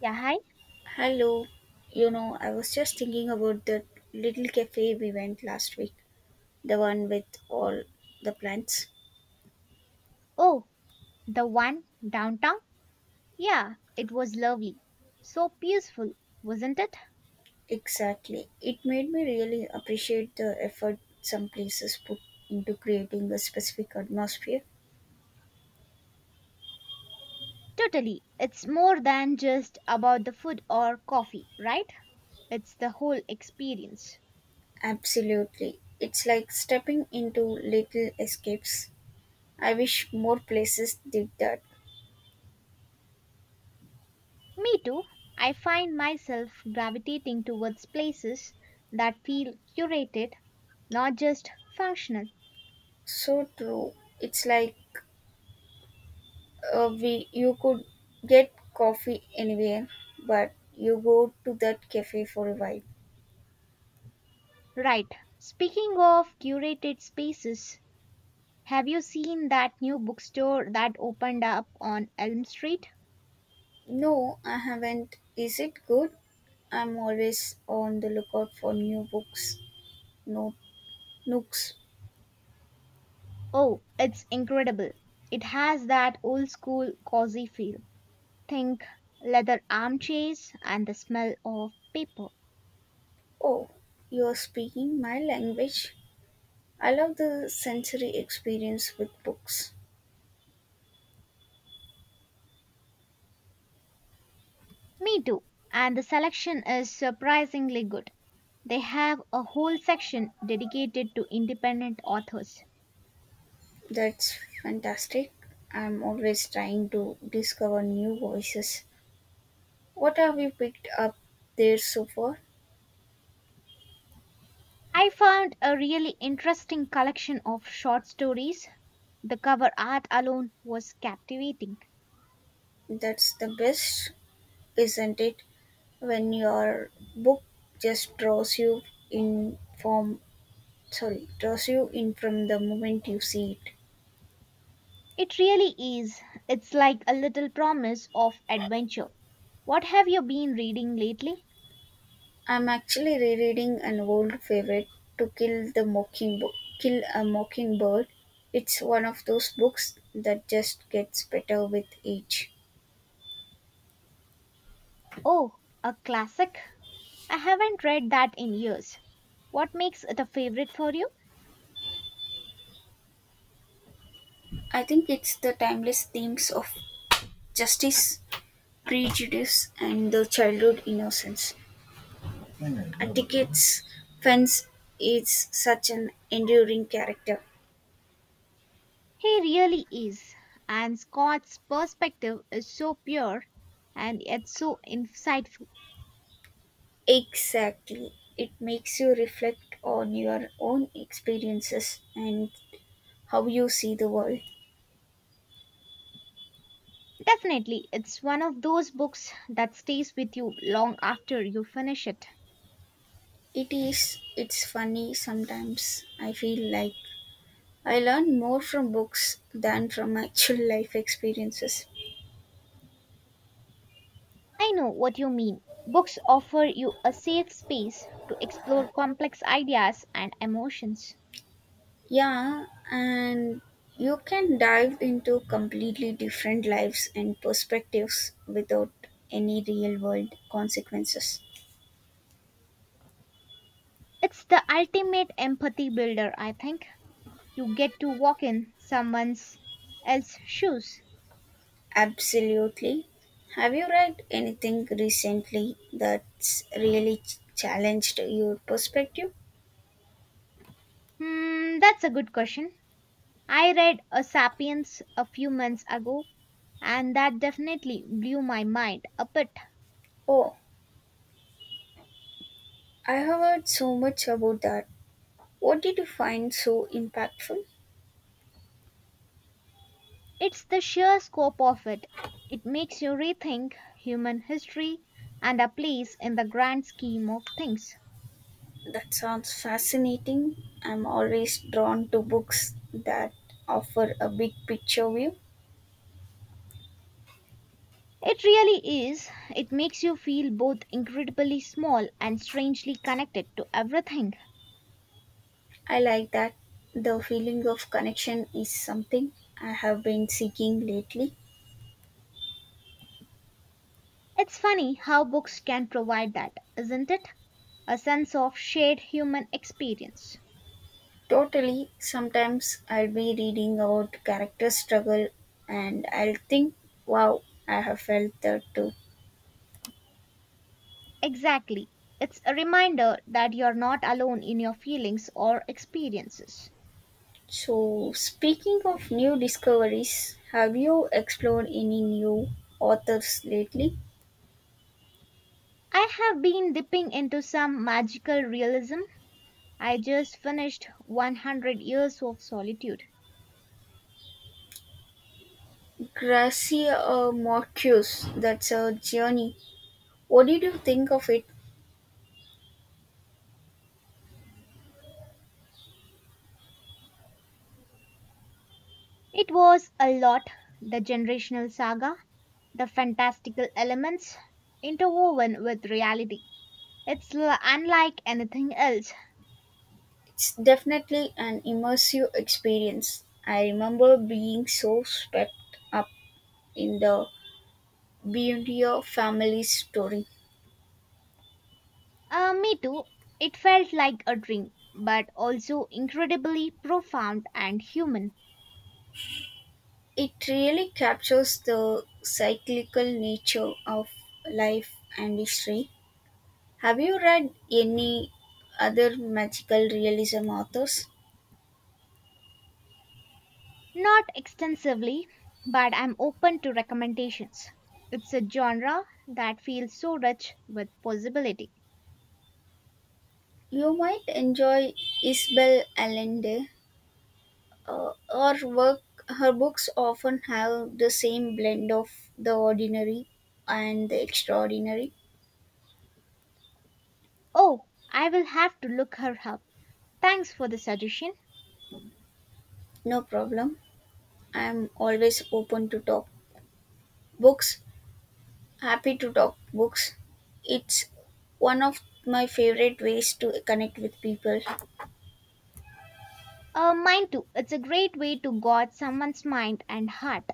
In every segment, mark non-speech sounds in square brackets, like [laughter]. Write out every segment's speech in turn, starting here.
Yeah, hi. Hello, I was just thinking about the little cafe we went last week, the one with all the plants. Oh, the one downtown? Yeah, it was lovely. So peaceful, wasn't it? Exactly. It made me really appreciate the effort some places put into creating a specific atmosphere. Totally. It's more than just about the food or coffee, right? It's the whole experience. Absolutely. It's like stepping into little escapes. I wish more places did that. Me too. I find myself gravitating towards places that feel curated, not just functional. So true. It's like we You could get coffee anywhere, but you go to that cafe for a while. Right. Speaking of curated spaces, have you seen that new bookstore that opened up on Elm Street? No, I haven't. Is it good? I'm always on the lookout for new books, no nooks. Oh, it's incredible. It has that old school cozy feel. Think leather armchairs and the smell of paper. Oh, you're speaking my language. I love the sensory experience with books. Me too. And the selection is surprisingly good. They have a whole section dedicated to independent authors. That's fantastic. I'm always trying to discover new voices. What have you picked up there so far? I found a really interesting collection of short stories. The cover art alone was captivating. That's the best. Isn't it, when your book just draws you in from sorry, draws you in from the moment you see it. It really is. It's like a little promise of adventure. What have you been reading lately? I'm actually rereading an old favorite, to kill the mockingbird Kill a Mockingbird. It's one of those books that just gets better with age. Oh, a classic. I haven't read that in years. What makes it a favorite for you? I think it's the timeless themes of justice, prejudice, and the childhood innocence. Atticus Fence is such an enduring character. He really is. And Scott's perspective is so pure and yet so insightful. Exactly. It makes you reflect on your own experiences and how you see the world. Definitely, it's one of those books that stays with you long after you finish it. It is, it's funny sometimes. I feel like I learn more from books than from actual [laughs] life experiences. I know what you mean. Books offer you a safe space to explore complex ideas and emotions. Yeah, and you can dive into completely different lives and perspectives without any real world consequences. It's the ultimate empathy builder, I think. You get to walk in someone else's shoes. Absolutely. Have you read anything recently that's really challenged your perspective? Hmm, that's a good question. I read A Sapiens a few months ago, and that definitely blew my mind a bit. Oh, I have heard so much about that. What did you find so impactful? It's the sheer scope of it. It makes you rethink human history and our place in the grand scheme of things. That sounds fascinating. I'm always drawn to books that offer a big picture view. It really is. It makes you feel both incredibly small and strangely connected to everything. I like that. The feeling of connection is something I have been seeking lately. It's funny how books can provide that, isn't it? A sense of shared human experience. Totally. Sometimes I'll be reading about character struggle and I'll think, wow, I have felt that too. Exactly. It's a reminder that you're not alone in your feelings or experiences. So, speaking of new discoveries, have you explored any new authors lately? I have been dipping into some magical realism. I just finished 100 Years of Solitude. Gracia Marcus, that's a journey. What did you think of it? It was a lot, the generational saga, the fantastical elements interwoven with reality. Unlike anything else. It's definitely an immersive experience. I remember being so swept up in the beauty of family story. Me too. It felt like a dream, but also incredibly profound and human. It really captures the cyclical nature of life and history. Have you read any other magical realism authors? Not extensively, but I'm open to recommendations. It's a genre that feels so rich with possibility. You might enjoy Isabel Allende. Uh, her work, her books often have the same blend of the ordinary and the extraordinary. Oh, I will have to look her up. Thanks for the suggestion. No problem. I am always open to talk books Happy to talk books. It's one of my favorite ways to connect with people. Mine too. It's a great way to guard someone's mind and heart.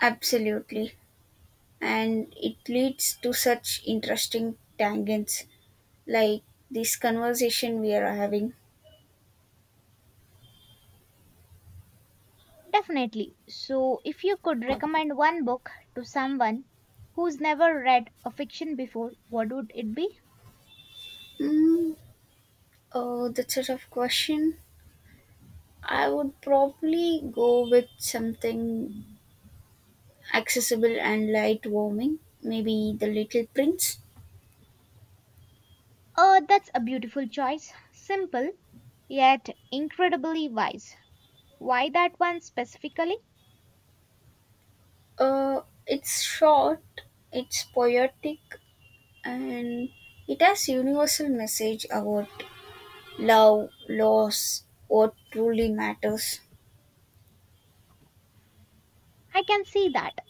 Absolutely. And it leads to such interesting tangents like this conversation we are having. Definitely. So, if you could recommend one book to someone who's never read a fiction before, what would it be? Mm, oh, that's a tough question. I would probably go with something accessible and light-warming. Maybe The Little Prince. Oh, that's a beautiful choice. Simple, yet incredibly wise. Why that one specifically? Uh, it's short, it's poetic, and it has universal message about love, loss, what truly matters. I can see that.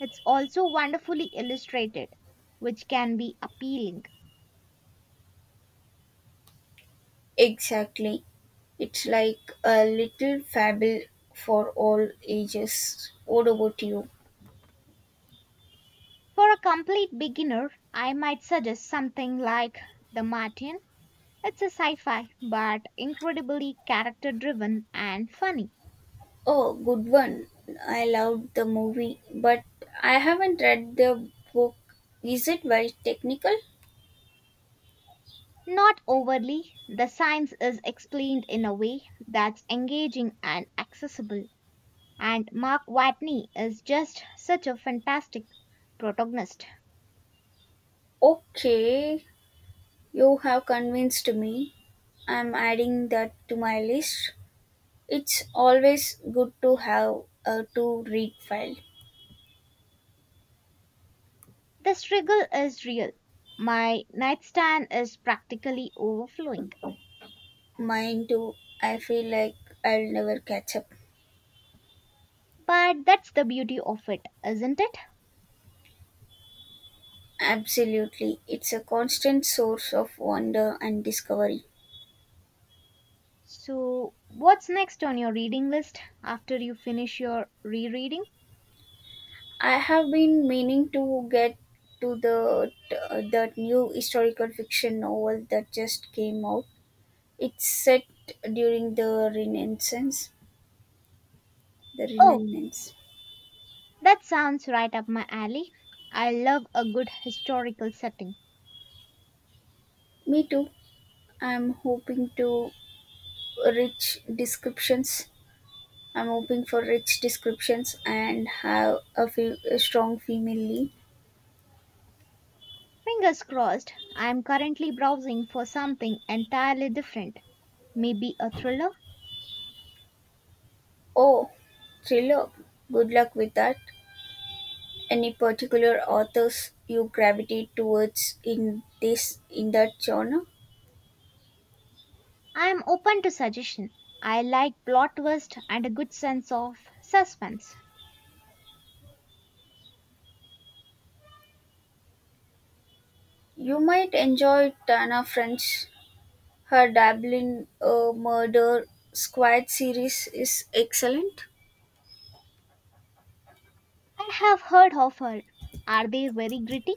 It's also wonderfully illustrated, which can be appealing. Exactly. It's like a little fable for all ages. What about you? For a complete beginner, I might suggest something like The Martian. It's a sci fi, but incredibly character driven and funny. Oh, good one. I loved the movie, but I haven't read the book. Is it very technical? Not overly, the science is explained in a way that's engaging and accessible. And Mark Watney is just such a fantastic protagonist. Okay, you have convinced me. I'm adding that to my list. It's always good to have a to read file. The struggle is real. My nightstand is practically overflowing. Mine too. I feel like I'll never catch up. But that's the beauty of it, isn't it? Absolutely. It's a constant source of wonder and discovery. So, what's next on your reading list after you finish your rereading? I have been meaning to get to that new historical fiction novel that just came out. It's set during the Oh, Renaissance. that sounds right up my alley. I love a good historical setting. Me too. I'm hoping to reach descriptions I'm hoping for rich descriptions and have a strong female lead. Fingers crossed, I am currently browsing for something entirely different. Maybe a thriller? Oh, thriller. Good luck with that. Any particular authors you gravitate towards in this in that genre? I am open to suggestion. I like plot twist and a good sense of suspense. You might enjoy Tana French. Her Dabbling Murder Squad series is excellent. I have heard of her. Are they very gritty?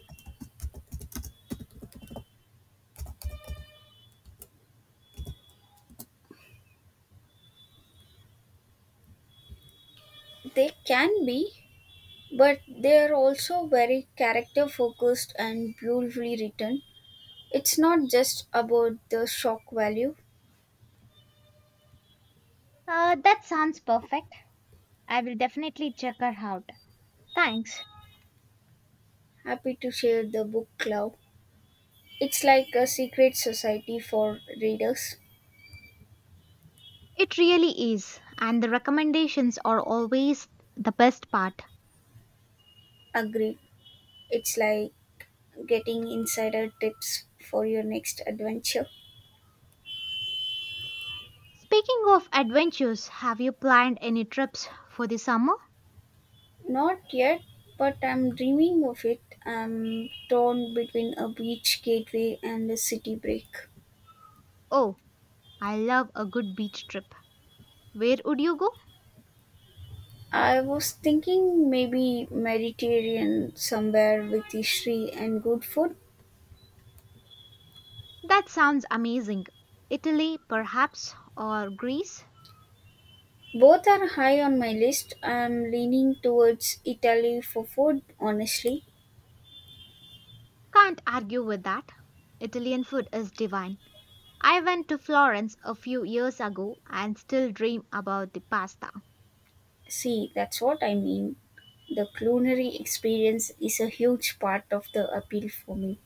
They can be, but they are also very character focused and beautifully written. It's not just about the shock value. That sounds perfect. I will definitely check her out. Thanks. Happy to share the book club. It's like a secret society for readers. It really is, and the recommendations are always the best part. Agree. It's like getting insider tips for your next adventure. Speaking of adventures, have you planned any trips for the summer? Not yet, but I'm dreaming of it. I'm torn between a beach gateway and a city break. Oh, I love a good beach trip. Where would you go? I was thinking maybe Mediterranean somewhere with history and good food. That sounds amazing. Italy, perhaps, or Greece? Both are high on my list. I'm leaning towards Italy for food, honestly. Can't argue with that. Italian food is divine. I went to Florence a few years ago and still dream about the pasta. See, that's what I mean. The culinary experience is a huge part of the appeal for me.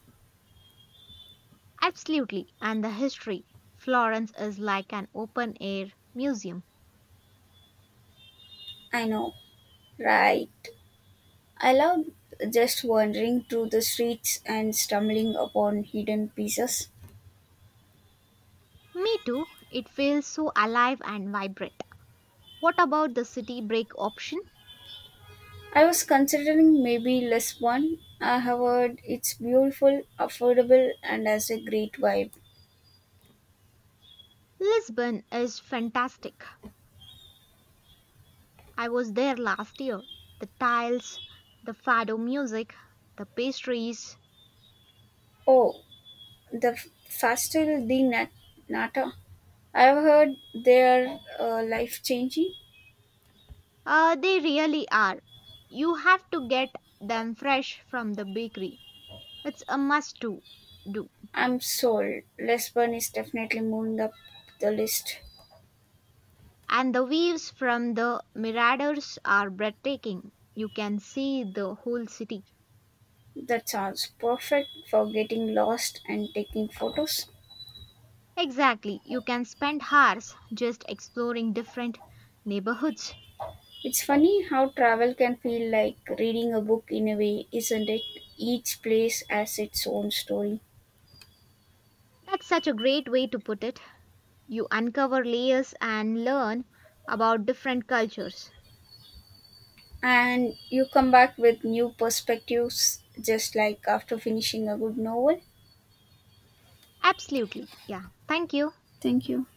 Absolutely, and the history. Florence is like an open air museum. I know, right? I love just wandering through the streets and stumbling upon hidden pieces. Me too, it feels so alive and vibrant. What about the city break option? I was considering maybe Lisbon. I have heard it's beautiful, affordable, and has a great vibe. Lisbon is fantastic. I was there last year. The tiles, the fado music, the pastries. Oh, the f- Fastel di Nat- Nata. I've heard they're life changing. They really are. You have to get them fresh from the bakery. It's a must to do. I'm sold. Lisbon is definitely moving up the list. And the views from the miradors are breathtaking. You can see the whole city. That sounds perfect for getting lost and taking photos. Exactly. You can spend hours just exploring different neighborhoods. It's funny how travel can feel like reading a book in a way, isn't it? Each place has its own story. That's such a great way to put it. You uncover layers and learn about different cultures. And you come back with new perspectives, just like after finishing a good novel. Absolutely. Yeah. Thank you. Thank you.